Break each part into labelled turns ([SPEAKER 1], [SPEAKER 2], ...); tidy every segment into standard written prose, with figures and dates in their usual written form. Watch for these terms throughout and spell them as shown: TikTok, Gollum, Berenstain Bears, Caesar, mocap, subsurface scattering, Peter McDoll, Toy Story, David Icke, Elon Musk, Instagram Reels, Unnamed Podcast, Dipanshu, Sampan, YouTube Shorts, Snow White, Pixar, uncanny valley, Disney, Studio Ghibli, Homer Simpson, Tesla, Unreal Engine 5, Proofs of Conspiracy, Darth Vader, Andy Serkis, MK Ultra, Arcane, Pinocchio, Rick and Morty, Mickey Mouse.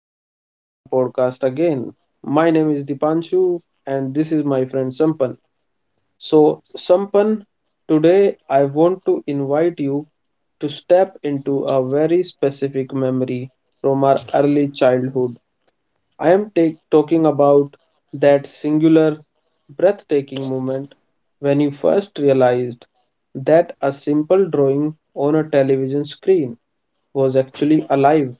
[SPEAKER 1] welcome to our podcast again. My name is Dipanshu, and this is my friend Sampan. So, Sampan, today I want to invite you to step into a very specific memory from our early childhood. I am talking about that singular, breathtaking moment when you first realized that a simple drawing on a television screen was actually alive.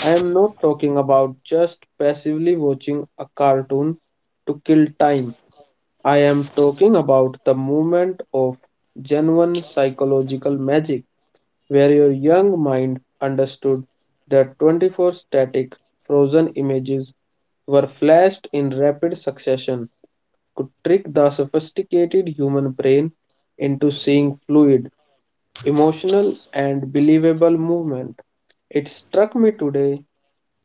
[SPEAKER 1] I am not talking about just passively watching a cartoon to kill time. I am talking about the movement of genuine psychological magic, where your young mind understood that 24 static, frozen images were flashed in rapid succession, could trick the sophisticated human brain into seeing fluid, emotional, and believable movement. It struck me today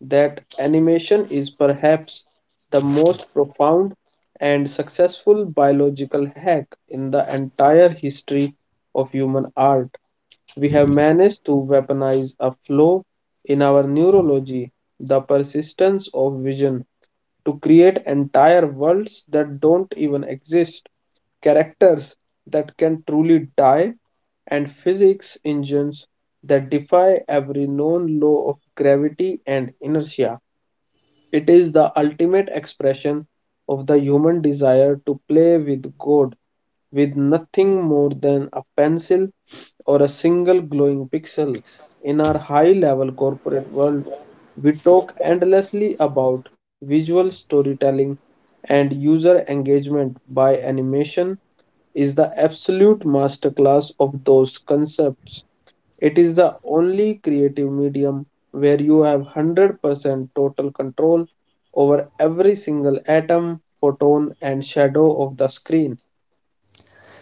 [SPEAKER 1] that animation is perhaps the most profound and successful biological hack in the entire history of human art. We have managed to weaponize a flaw in our neurology, the persistence of vision, to create entire worlds that don't even exist, characters that can truly die, and physics engines that defy every known law of gravity and inertia. It is the ultimate expression of the human desire to play with God with nothing more than a pencil or a single glowing pixel. In our high level corporate world, we talk endlessly about visual storytelling and user engagement by animation is the absolute masterclass of those concepts. It is the only creative medium where you have 100% total control over every single atom, photon, and shadow of the screen.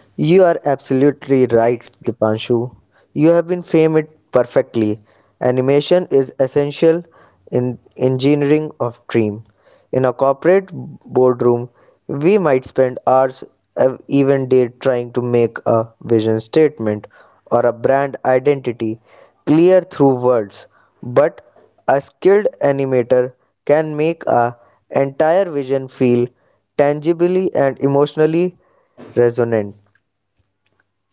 [SPEAKER 2] You are absolutely right, Dipanshu. You have been framed it perfectly. Animation is essential in engineering of dream. In a corporate boardroom, we might spend hours, even day, trying to make a vision statement or a brand identity clear through words. But a skilled animator can make a entire vision feel tangibly and emotionally resonant.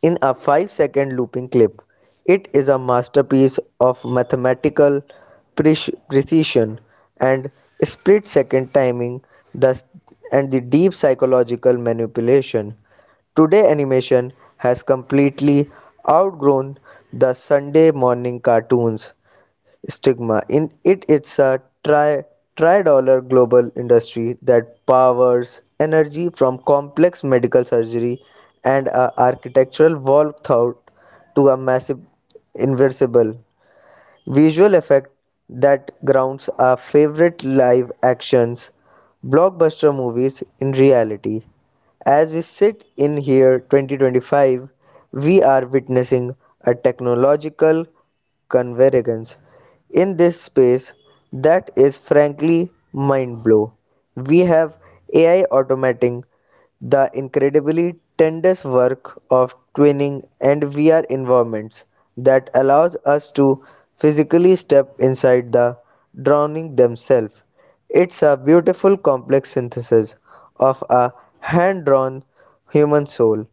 [SPEAKER 2] In a 5-second looping clip, it is a masterpiece of mathematical precision and split second timing thus, and the deep psychological manipulation. Today, animation has completely outgrown the Sunday morning cartoons stigma. In it, it's a tri-dollar global industry that powers energy from complex medical surgery and a architectural wall thought to a massive inversible visual effect that grounds our favorite live actions blockbuster movies in reality. As we sit in here 2025, we are witnessing a technological convergence in this space that is frankly mind blow. We have AI automating the incredibly tedious work of twinning and VR environments that allows us to physically step inside the drowning themselves. It's a beautiful complex synthesis of a hand drawn human soul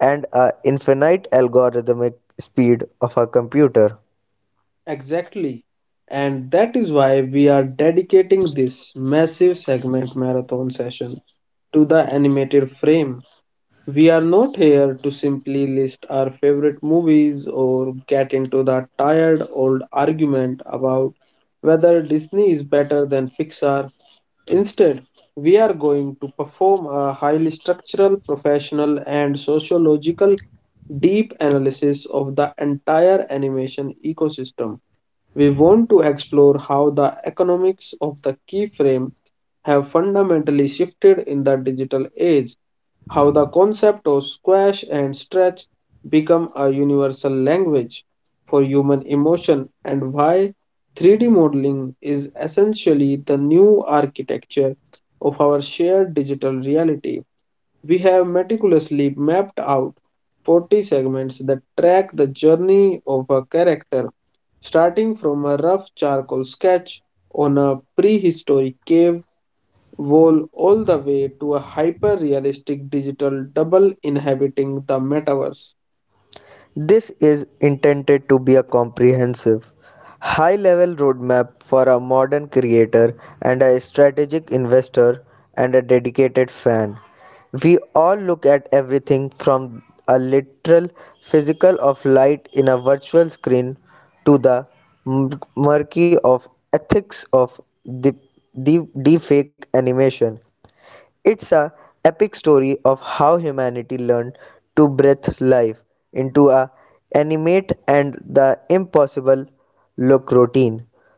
[SPEAKER 2] and a infinite algorithmic speed of a computer.
[SPEAKER 1] Exactly. And that is why we are dedicating this massive segment marathon session to the animated frame. We are not here to simply list our favorite movies or get into the tired old argument about whether Disney is better than Pixar. Instead, we are going to perform a highly structural, professional, and sociological deep analysis of the entire animation ecosystem. We want to explore how the economics of the keyframe have fundamentally shifted in the digital age, how the concept of squash and stretch become a universal language for human emotion, and why 3D modeling is essentially the new architecture of our shared digital reality. We have meticulously mapped out 40 segments that track the journey of a character, starting from a rough charcoal sketch on a prehistoric cave Roll all the way to a hyper realistic digital double inhabiting the metaverse.
[SPEAKER 2] This is intended to be a comprehensive, high level roadmap for a modern creator and a strategic investor and a dedicated fan. We all look at everything from a literal physical of light in a virtual screen to the murky of ethics of the deepfake animation. It's a epic story of how humanity learned to breathe life into a animate and the impossible look routine.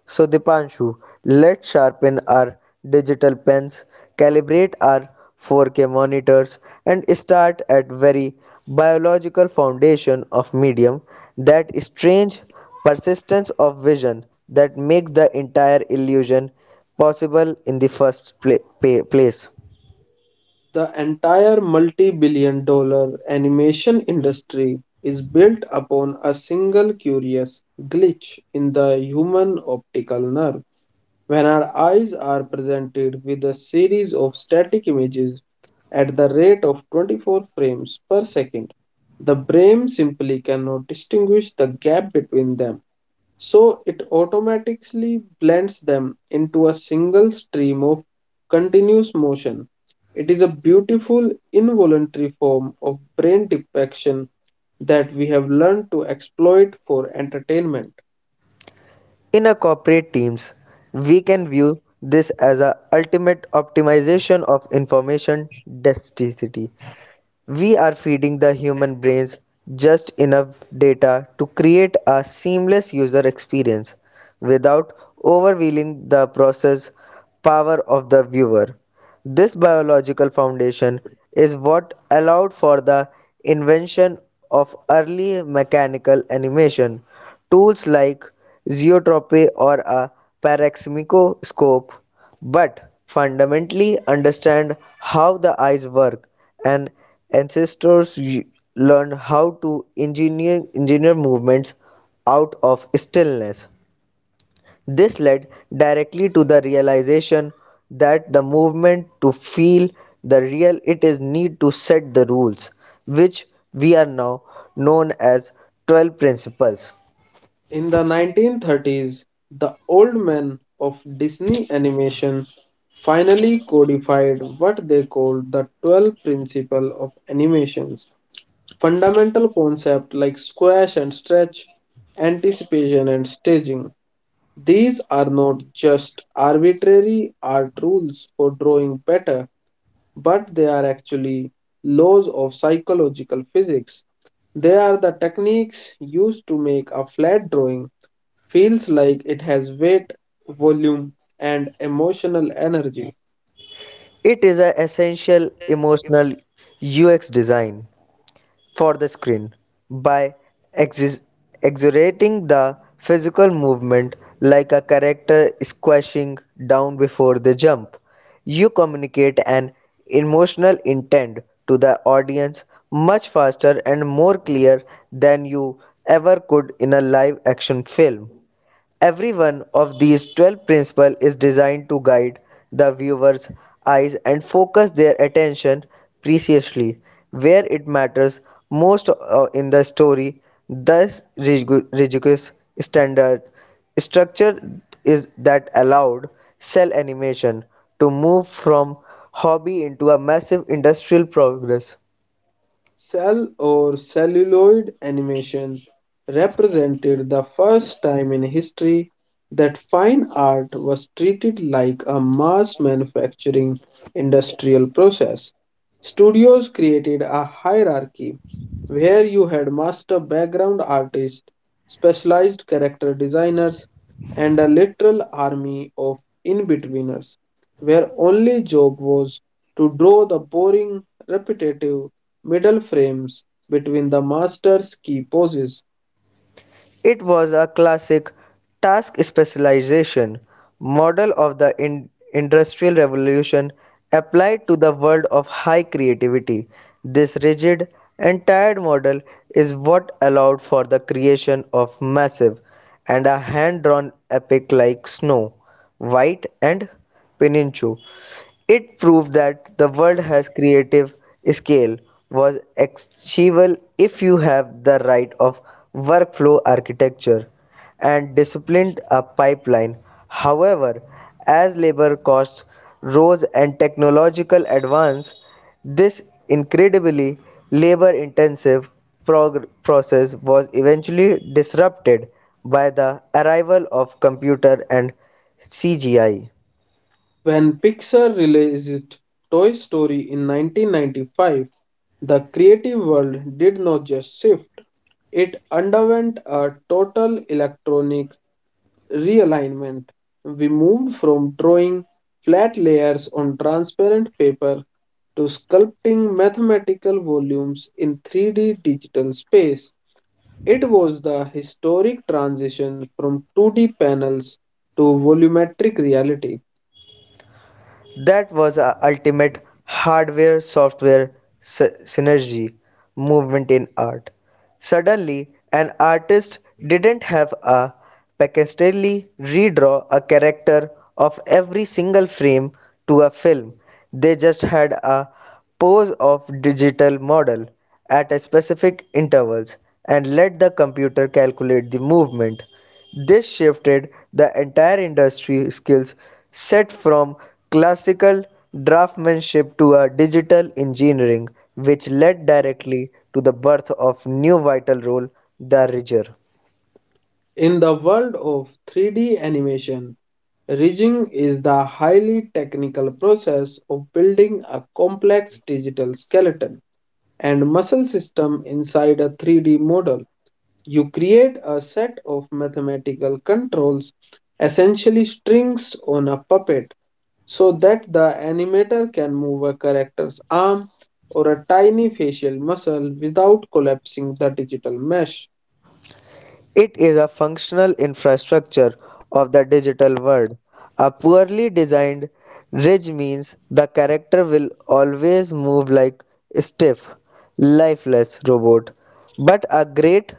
[SPEAKER 2] So Dipanshu, let's sharpen our digital pens, calibrate our 4K monitors and start at very biological foundation of medium, that strange persistence of vision that makes the entire illusion possible in the first place.
[SPEAKER 1] The entire multi billion-dollar animation industry is built upon a single curious glitch in the human optical nerve. When our eyes are presented with a series of static images at the rate of 24 frames per second, the brain simply cannot distinguish the gap between them. So it automatically blends them into a single stream of continuous motion. It is a beautiful involuntary form of brain depiction that we have learned to exploit for entertainment.
[SPEAKER 2] In a corporate teams, we can view this as a ultimate optimization of information density. We are feeding the human brains just enough data to create a seamless user experience without overwhelming the process power of the viewer. This biological foundation is what allowed for the invention of early mechanical animation. Tools like zeotropy or a pareximicoscope, but fundamentally understand how the eyes work and ancestors learned how to engineer movements out of stillness. This led directly to the realization that the movement to feel the real it is need to set the rules, which we are now known as 12 principles.
[SPEAKER 1] In the 1930s, the old men of Disney animation finally codified what they called the 12 principle of animation. Fundamental concepts like squash and stretch, anticipation and staging, these are not just arbitrary art rules for drawing better, but they are actually laws of psychological physics. They are the techniques used to make a flat drawing feels like it has weight, volume, and emotional energy.
[SPEAKER 2] It is an essential emotional UX design for the screen by exis- exaggerating the physical movement like a character squashing down before the jump. You communicate an emotional intent to the audience much faster and more clear than you ever could in a live action film. Every one of these 12 principles is designed to guide the viewer's eyes and focus their attention precisely where it matters most, in the story. Thus, rigorous standard structure is that allowed cell animation to move from hobby into a massive industrial progress.
[SPEAKER 1] Cell or celluloid animation represented the first time in history that fine art was treated like a mass manufacturing industrial process. Studios created a hierarchy where you had master background artists, specialized character designers, and a literal army of in-betweeners, where only job was to draw the boring, repetitive, middle frames between the master's key poses.
[SPEAKER 2] It was a classic task specialization model of the Industrial Revolution applied to the world of high creativity. This rigid and tired model is what allowed for the creation of massive and a hand drawn epic like Snow White and Pinocchio. It proved that the world has creative scale was achievable if you have the right of workflow architecture and disciplined a pipeline. However, as labor costs rose and technological advance, this incredibly labor intensive process was eventually disrupted by the arrival of computer and CGI.
[SPEAKER 1] When Pixar released Toy Story in 1995, the creative world did not just shift, it underwent a total electronic realignment. We moved from drawing flat layers on transparent paper to sculpting mathematical volumes in 3D digital space. It was the historic transition from 2D panels to volumetric reality.
[SPEAKER 2] That was a ultimate hardware software synergy movement in art. Suddenly, an artist didn't have a painstakingly redraw a character of every single frame to a film. They just had a pose of digital model at a specific intervals and let the computer calculate the movement. This shifted the entire industry skills set from classical draftsmanship to a digital engineering, which led directly to the birth of new vital role, the ridger.
[SPEAKER 1] In the world of 3D animation, rigging is the highly technical process of building a complex digital skeleton and muscle system inside a 3D model. You create a set of mathematical controls, essentially strings on a puppet, so that the animator can move a character's arm or a tiny facial muscle without collapsing the digital mesh.
[SPEAKER 2] It is a functional infrastructure of the digital world. A poorly designed ridge means the character will always move like a stiff, lifeless robot. But a great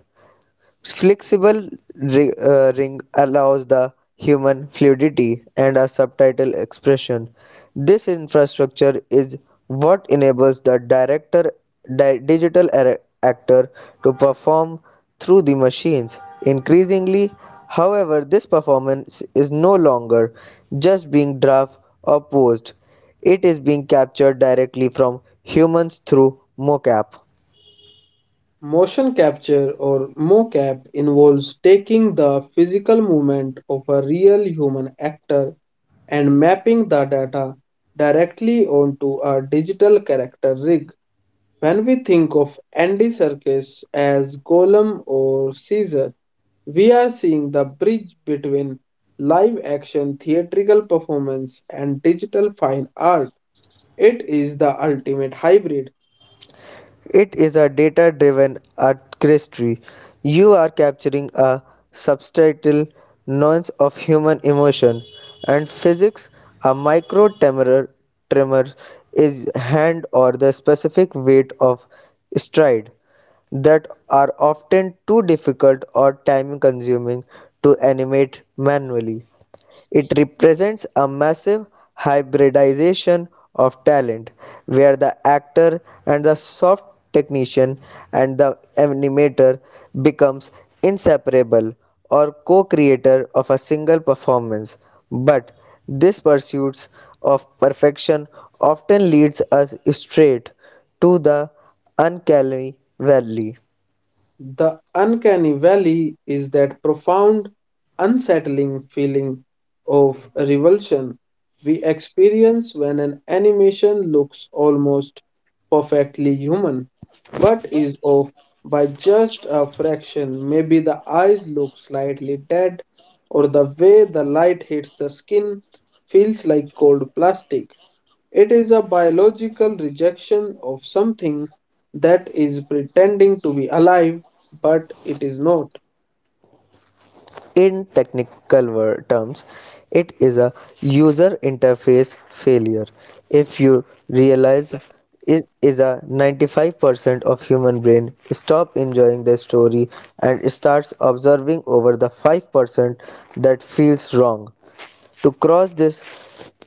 [SPEAKER 2] flexible ring allows the human fluidity and a subtitle expression. This infrastructure is what enables the director digital actor to perform through the machines. Increasingly, however, this performance is no longer just being draft or posed. It is being captured directly from humans through mocap.
[SPEAKER 1] Motion capture or mocap involves taking the physical movement of a real human actor and mapping the data directly onto a digital character rig. When we think of Andy Serkis as Gollum or Caesar, we are seeing the bridge between live action theatrical performance and digital fine art. It is the ultimate hybrid.
[SPEAKER 2] It is a data driven artistry. You are capturing a substantial nuance of human emotion and physics. A micro tremor is hand or the specific weight of stride that are often too difficult or time consuming to animate manually. It represents a massive hybridization of talent, where the actor and the soft technician and the animator becomes inseparable or co-creator of a single performance. But this pursuit of perfection often leads us straight to the uncanny valley.
[SPEAKER 1] The uncanny valley is that profound, unsettling feeling of revulsion we experience when an animation looks almost perfectly human, but is off by just a fraction. Maybe the eyes look slightly dead, or the way the light hits the skin feels like cold plastic. It is a biological rejection of something that is pretending to be alive, but it is not.
[SPEAKER 2] In technical terms, it is a user interface failure. If you realize it is a 95% of human brain stop enjoying the story and starts observing over the 5% that feels wrong. To cross this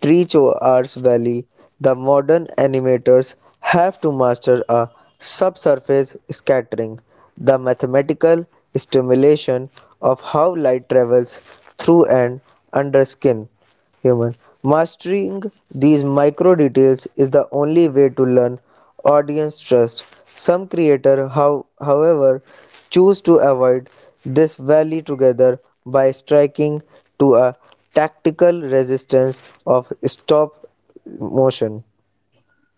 [SPEAKER 2] Treecho Arts Valley, the modern animators have to master a subsurface scattering, the mathematical stimulation of how light travels through and under skin human. Mastering these micro details is the only way to learn audience trust. Some creators, however, choose to avoid this valley together by striking to a tactical resistance of stop motion.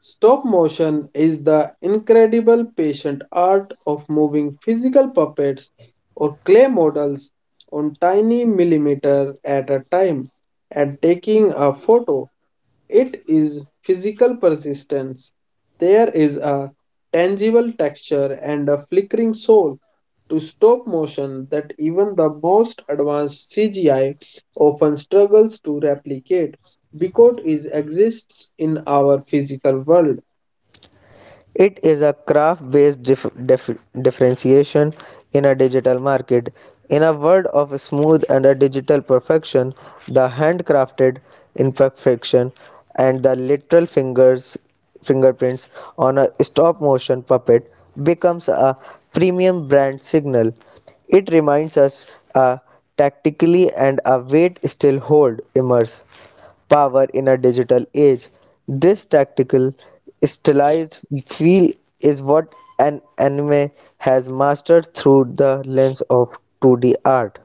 [SPEAKER 1] Stop motion is the incredible patient art of moving physical puppets or clay models on tiny millimeter at a time and taking a photo. It is physical persistence. There is a tangible texture and a flickering soul to stop motion that even the most advanced CGI often struggles to replicate because it exists in our physical world.
[SPEAKER 2] It is a craft based differentiation in a digital market. In a world of smooth and a digital perfection, the handcrafted imperfection and the literal fingers fingerprints on a stop motion puppet becomes a premium brand signal. It reminds us a tactically and a wait still hold immerse power in a digital age. This tactical, stylized feel is what an anime has mastered through the lens of 2D art.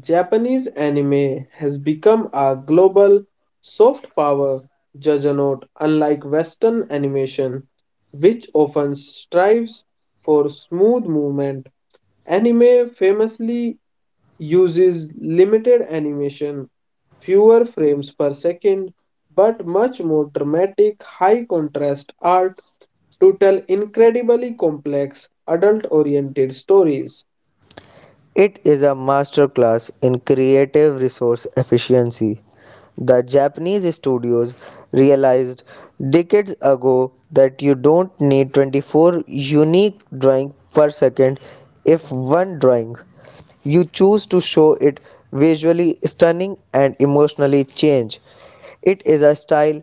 [SPEAKER 1] Japanese anime has become a global soft power juggernaut, unlike Western animation, which often strives for smooth movement. Anime famously uses limited animation, fewer frames per second, but much more dramatic, high contrast art to tell incredibly complex, adult oriented stories.
[SPEAKER 2] It is a masterclass in creative resource efficiency. The Japanese studios realized decades ago that you don't need 24 unique drawings per second if one drawing you choose to show it visually stunning and emotionally change. It is a style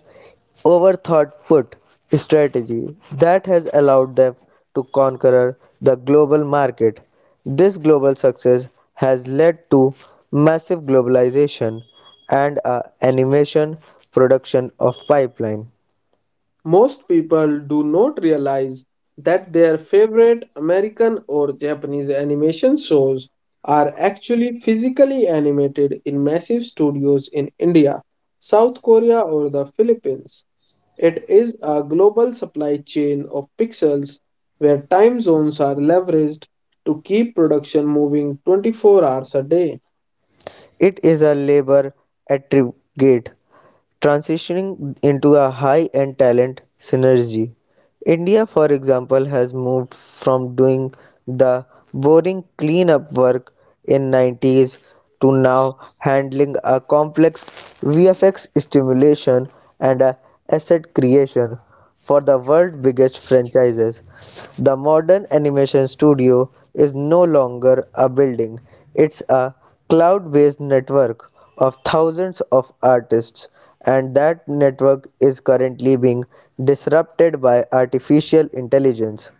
[SPEAKER 2] over thought put strategy that has allowed them to conquer the global market. This global success has led to massive globalization and a animation production of pipeline.
[SPEAKER 1] Most people do not realize that their favorite American or Japanese animation shows are actually physically animated in massive studios in India, South Korea, or the Philippines. It is a global supply chain of pixels where time zones are leveraged to keep production moving 24 hours a day.
[SPEAKER 2] It is a labor aggregate transitioning into a high-end talent synergy. India, for example, has moved from doing the boring cleanup work in 90s to now handling a complex VFX stimulation and a asset creation for the world's biggest franchises. The modern animation studio is no longer a building, it's a cloud based network of thousands of artists, and that network is currently being disrupted by artificial intelligence.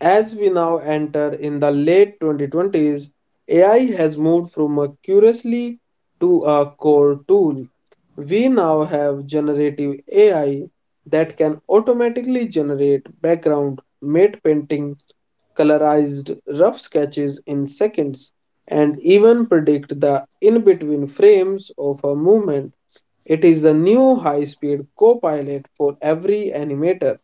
[SPEAKER 1] As we now enter in the late 2020s, AI has moved from a curiously to a core tool. We now have generative AI that can automatically generate background, matte painting, colorized rough sketches in seconds, and even predict the in-between frames of a movement. It is the new high-speed co-pilot for every animator.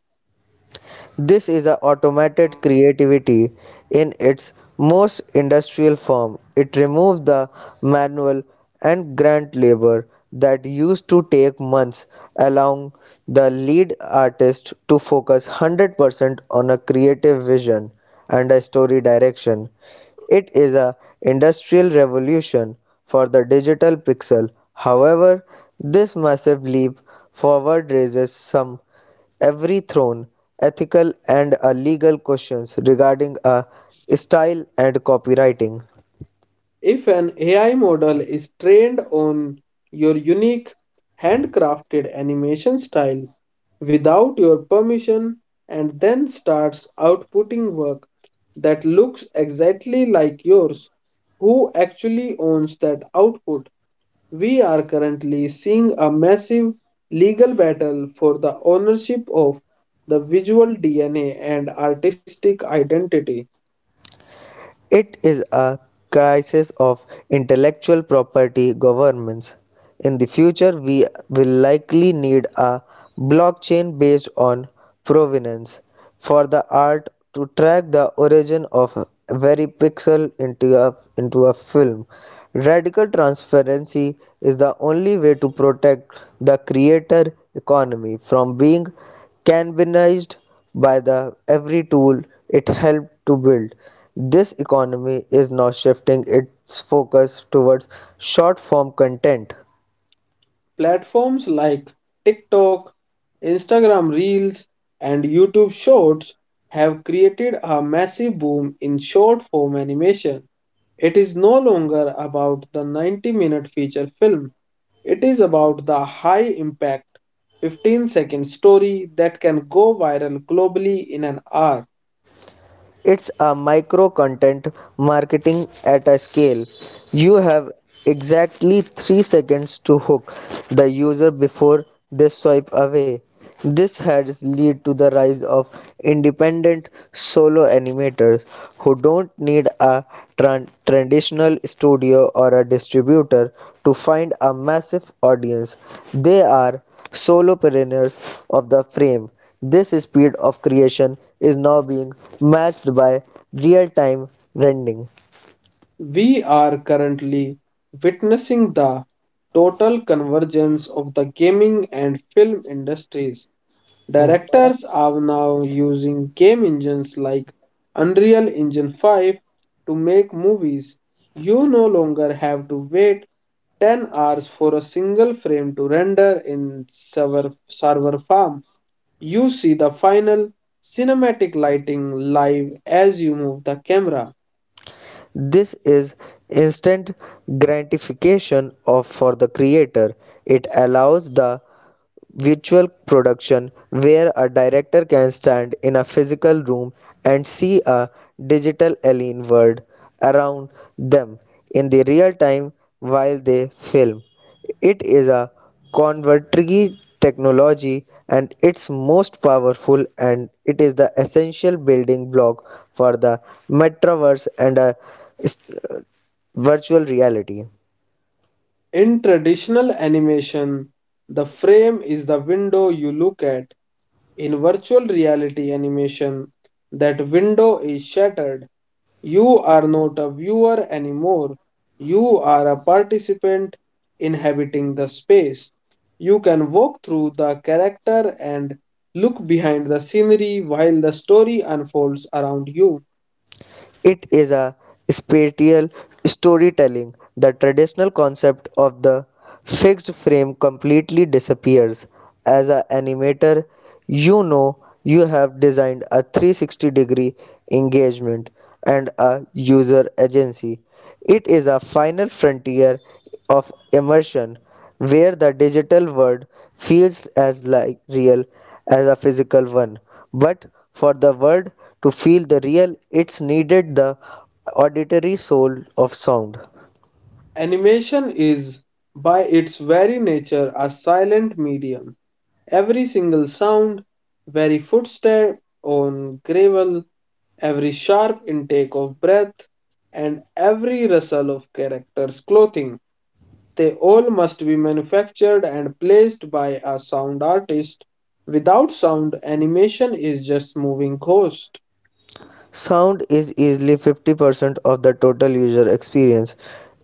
[SPEAKER 2] This is a automated creativity in its most industrial form. It removes the manual and grunt labor that used to take months, allowing the lead artist to focus 100% on a creative vision and a story direction. It is a industrial revolution for the digital pixel. However, this massive leap forward raises some everythrown ethical and legal questions regarding style and copywriting.
[SPEAKER 1] If an AI model is trained on your unique handcrafted animation style without your permission and then starts outputting work that looks exactly like yours, who actually owns that output? We are currently seeing a massive legal battle for the ownership of the visual DNA and artistic identity.
[SPEAKER 2] It is a crisis of intellectual property governance. In the future, we will likely need a blockchain based on provenance for the art to track the origin of a very pixel into a film. Radical transparency is the only way to protect the creator economy from being cannibalized by the every tool it helped to build. This economy is now shifting its focus towards short form content.
[SPEAKER 1] Platforms like TikTok, Instagram Reels, and YouTube Shorts have created a massive boom in short form animation. It is no longer about the 90-minute feature film. It is about the high impact 15-second story that can go viral globally in an hour.
[SPEAKER 2] It's a micro content marketing at a scale. You have exactly 3 seconds to hook the user before they swipe away. This has led to the rise of independent solo animators who don't need a traditional studio or a distributor to find a massive audience. They are solopreneurs of the frame. This speed of creation is now being matched by real time rendering.
[SPEAKER 1] We are currently witnessing the total convergence of the gaming and film industries.
[SPEAKER 2] Hmm.
[SPEAKER 1] Directors are now using game engines like Unreal Engine 5 to make movies. You no longer have to wait 10 hours for a single frame to render in server farm. You see the final cinematic lighting live as you move the camera.
[SPEAKER 2] This is instant gratification of for the creator. It allows the virtual production where a director can stand in a physical room and see a digital alien world around them in the real time while they film. It is a contemporary technology and it's most powerful and it is the essential building block for the metaverse and a s- uh, virtual reality.
[SPEAKER 1] In traditional animation, the frame is the window you look at. In virtual reality animation, that window is shattered. You are not a viewer anymore. You are a participant inhabiting the space. You can walk through the character and look behind the scenery while the story unfolds around you.
[SPEAKER 2] It is a spatial storytelling. The traditional concept of the fixed frame completely disappears. As an animator, you know you have designed a 360 degree engagement and a user agency. It is a final frontier of immersion where the digital world feels as real as a physical one. But for the world to feel the real, it's needed the auditory soul of sound.
[SPEAKER 1] Animation is, by its very nature, a silent medium. Every single sound, every footstep on gravel, every sharp intake of breath, and every rustle of character's clothing, they all must be manufactured and placed by a sound artist. Without sound, animation is just moving ghost.
[SPEAKER 2] Sound is easily 50% of the total user experience.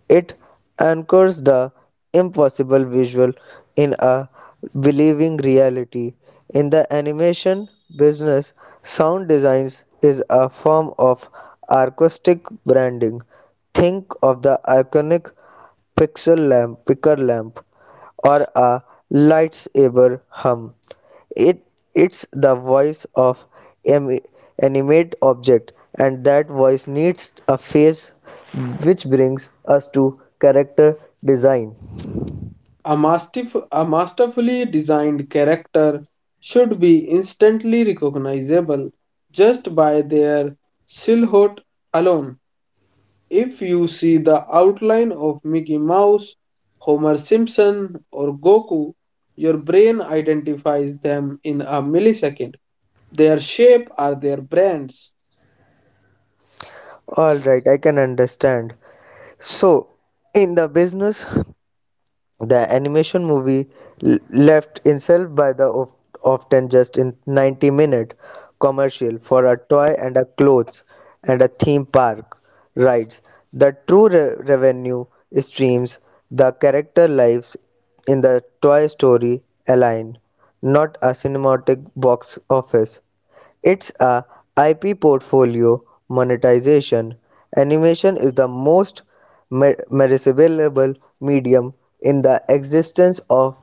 [SPEAKER 2] It anchors the impossible visual in a believing reality. In the animation business, sound designs is a form of artistic branding. Think of the iconic pixel lamp, picker lamp, or a lightsaber hum. It it's the voice of an animate object, and that voice needs a face, which brings us to character design.
[SPEAKER 1] A masterfully designed character should be instantly recognizable just by their silhouette alone. If you see the outline of Mickey Mouse, Homer Simpson, or Goku, your brain identifies them in a millisecond. Their shape are their brands.
[SPEAKER 2] All right, I can understand. So, in the business, the animation movie left itself by the often just in 90-minute commercial for a toy and a clothes and a theme park rides. The true revenue streams, the character lives in the Toy Story align, not a cinematic box office. It's a IP portfolio monetization. Animation is the most merceable medium in the existence of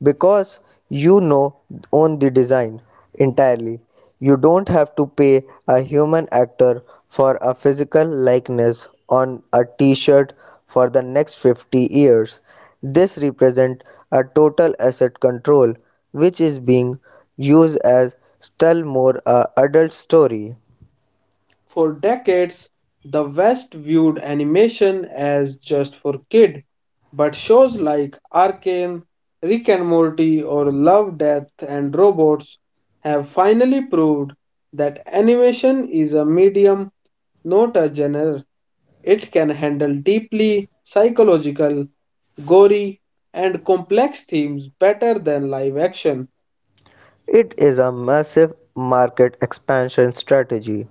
[SPEAKER 2] because you know own the design entirely. You don't have to pay a human actor for a physical likeness on a t-shirt for the next 50 years. This represents a total asset control which is being used as tell more a adult story.
[SPEAKER 1] For decades, the West viewed animation as just for kids, but shows like Arcane, Rick and Morty, or Love, Death and Robots have finally proved that animation is a medium, not a genre. It can handle deeply psychological, gory, and complex themes better than live action.
[SPEAKER 2] It is a massive market expansion strategy.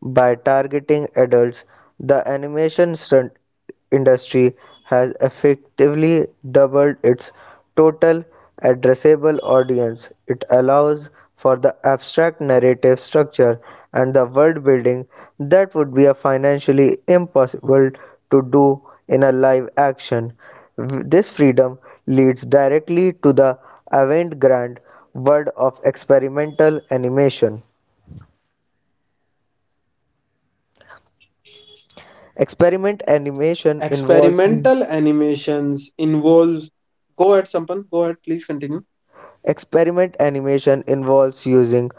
[SPEAKER 2] By targeting adults, the animation stunt industry has effectively doubled its total addressable audience. It allows for the abstract narrative structure and the world building that would be a financially impossible to do in a live action. This freedom leads directly to the avant-garde world of experimental animation.
[SPEAKER 1] Experimental animations involves using
[SPEAKER 2] Experiment
[SPEAKER 1] unconventional
[SPEAKER 2] animation involves
[SPEAKER 1] Go ahead, Sampan. Go ahead, please continue.
[SPEAKER 2] experiment animation involves using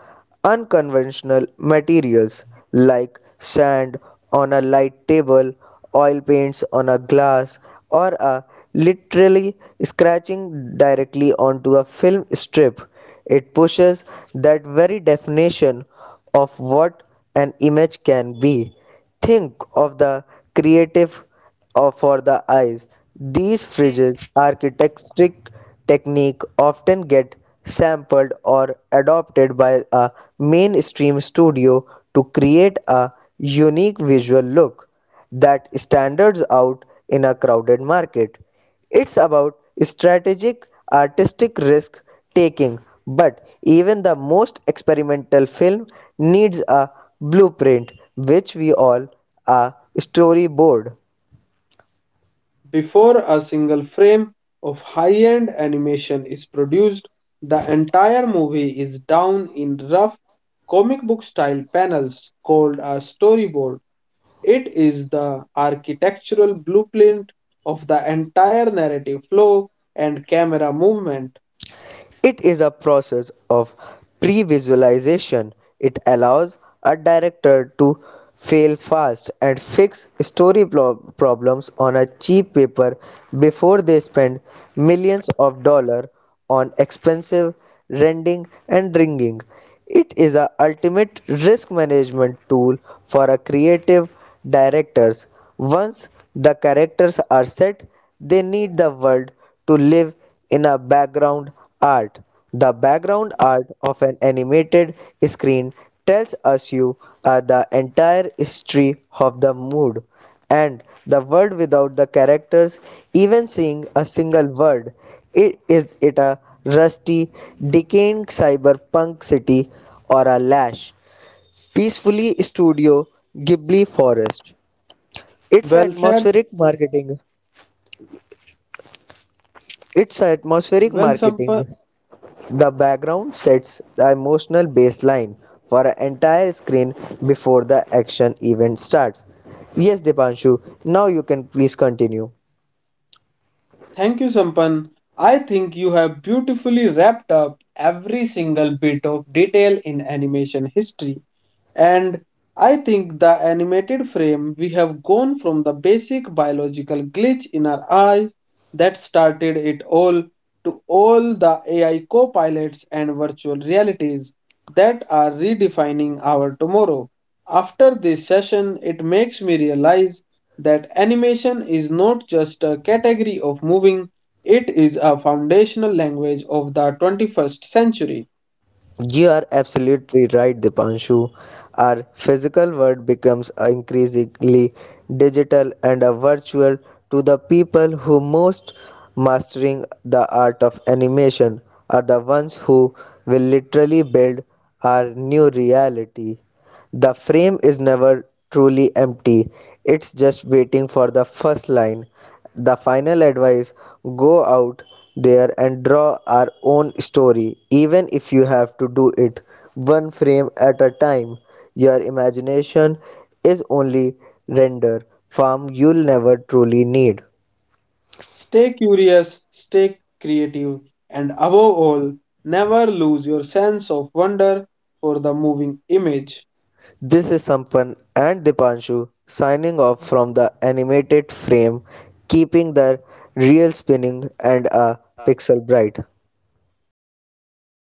[SPEAKER 2] unconventional materials like sand on a light table, oil paints on a glass, or a literally scratching directly onto a film strip. It pushes that very definition of what an image can be. Think of the creative for the eyes. These fridges architectic technique often get sampled or adopted by a mainstream studio to create a unique visual look that stands out in a crowded market. It's about strategic artistic risk taking, but even the most experimental film needs a blueprint, which we all a storyboard.
[SPEAKER 1] Before a single frame of high-end animation is produced, the entire movie is down in rough comic book style panels called a storyboard. It is the architectural blueprint of the entire narrative flow and camera movement.
[SPEAKER 2] It is a process of pre visualization. It allows a director to fail fast and fix story problems on a cheap paper before they spend millions of dollars on expensive rendering and rigging. It is a ultimate risk management tool for a creative directors. Once the characters are set, they need the world to live in a background art. The background art of an animated screen tells us you the entire history of the mood and the world without the characters even seeing a single word. It is it a rusty, decaying cyberpunk city or a lash, peacefully studio Ghibli forest. It's atmospheric
[SPEAKER 1] Well said.
[SPEAKER 2] marketing. It's atmospheric
[SPEAKER 1] Well, Sampan.
[SPEAKER 2] marketing. The background sets the emotional baseline for an entire screen before the action event starts. Yes, Dipanshu, now you can please continue.
[SPEAKER 1] Thank you, Sampan. I think you have beautifully wrapped up every single bit of detail in animation history. And I think the animated frame, we have gone from the basic biological glitch in our eyes that started it all to all the AI co pilots and virtual realities that are redefining our tomorrow. After this session, it makes me realize that animation is not just a category of moving, it is a foundational language of the 21st century.
[SPEAKER 2] You are absolutely right, Dipanshu. Our physical world becomes increasingly digital and a virtual to the people who most mastering the art of animation are the ones who will literally build our new reality. The frame is never truly empty, it's just waiting for the first line. The final advice, go out there and draw our own story, even if you have to do it one frame at a time. Your imagination is only render farm you'll never truly need.
[SPEAKER 1] Stay curious, stay creative, and above all, never lose your sense of wonder for the moving image.
[SPEAKER 2] This is Sampan and Dipanshu signing off from the animated frame, keeping the reel spinning and a pixel bright.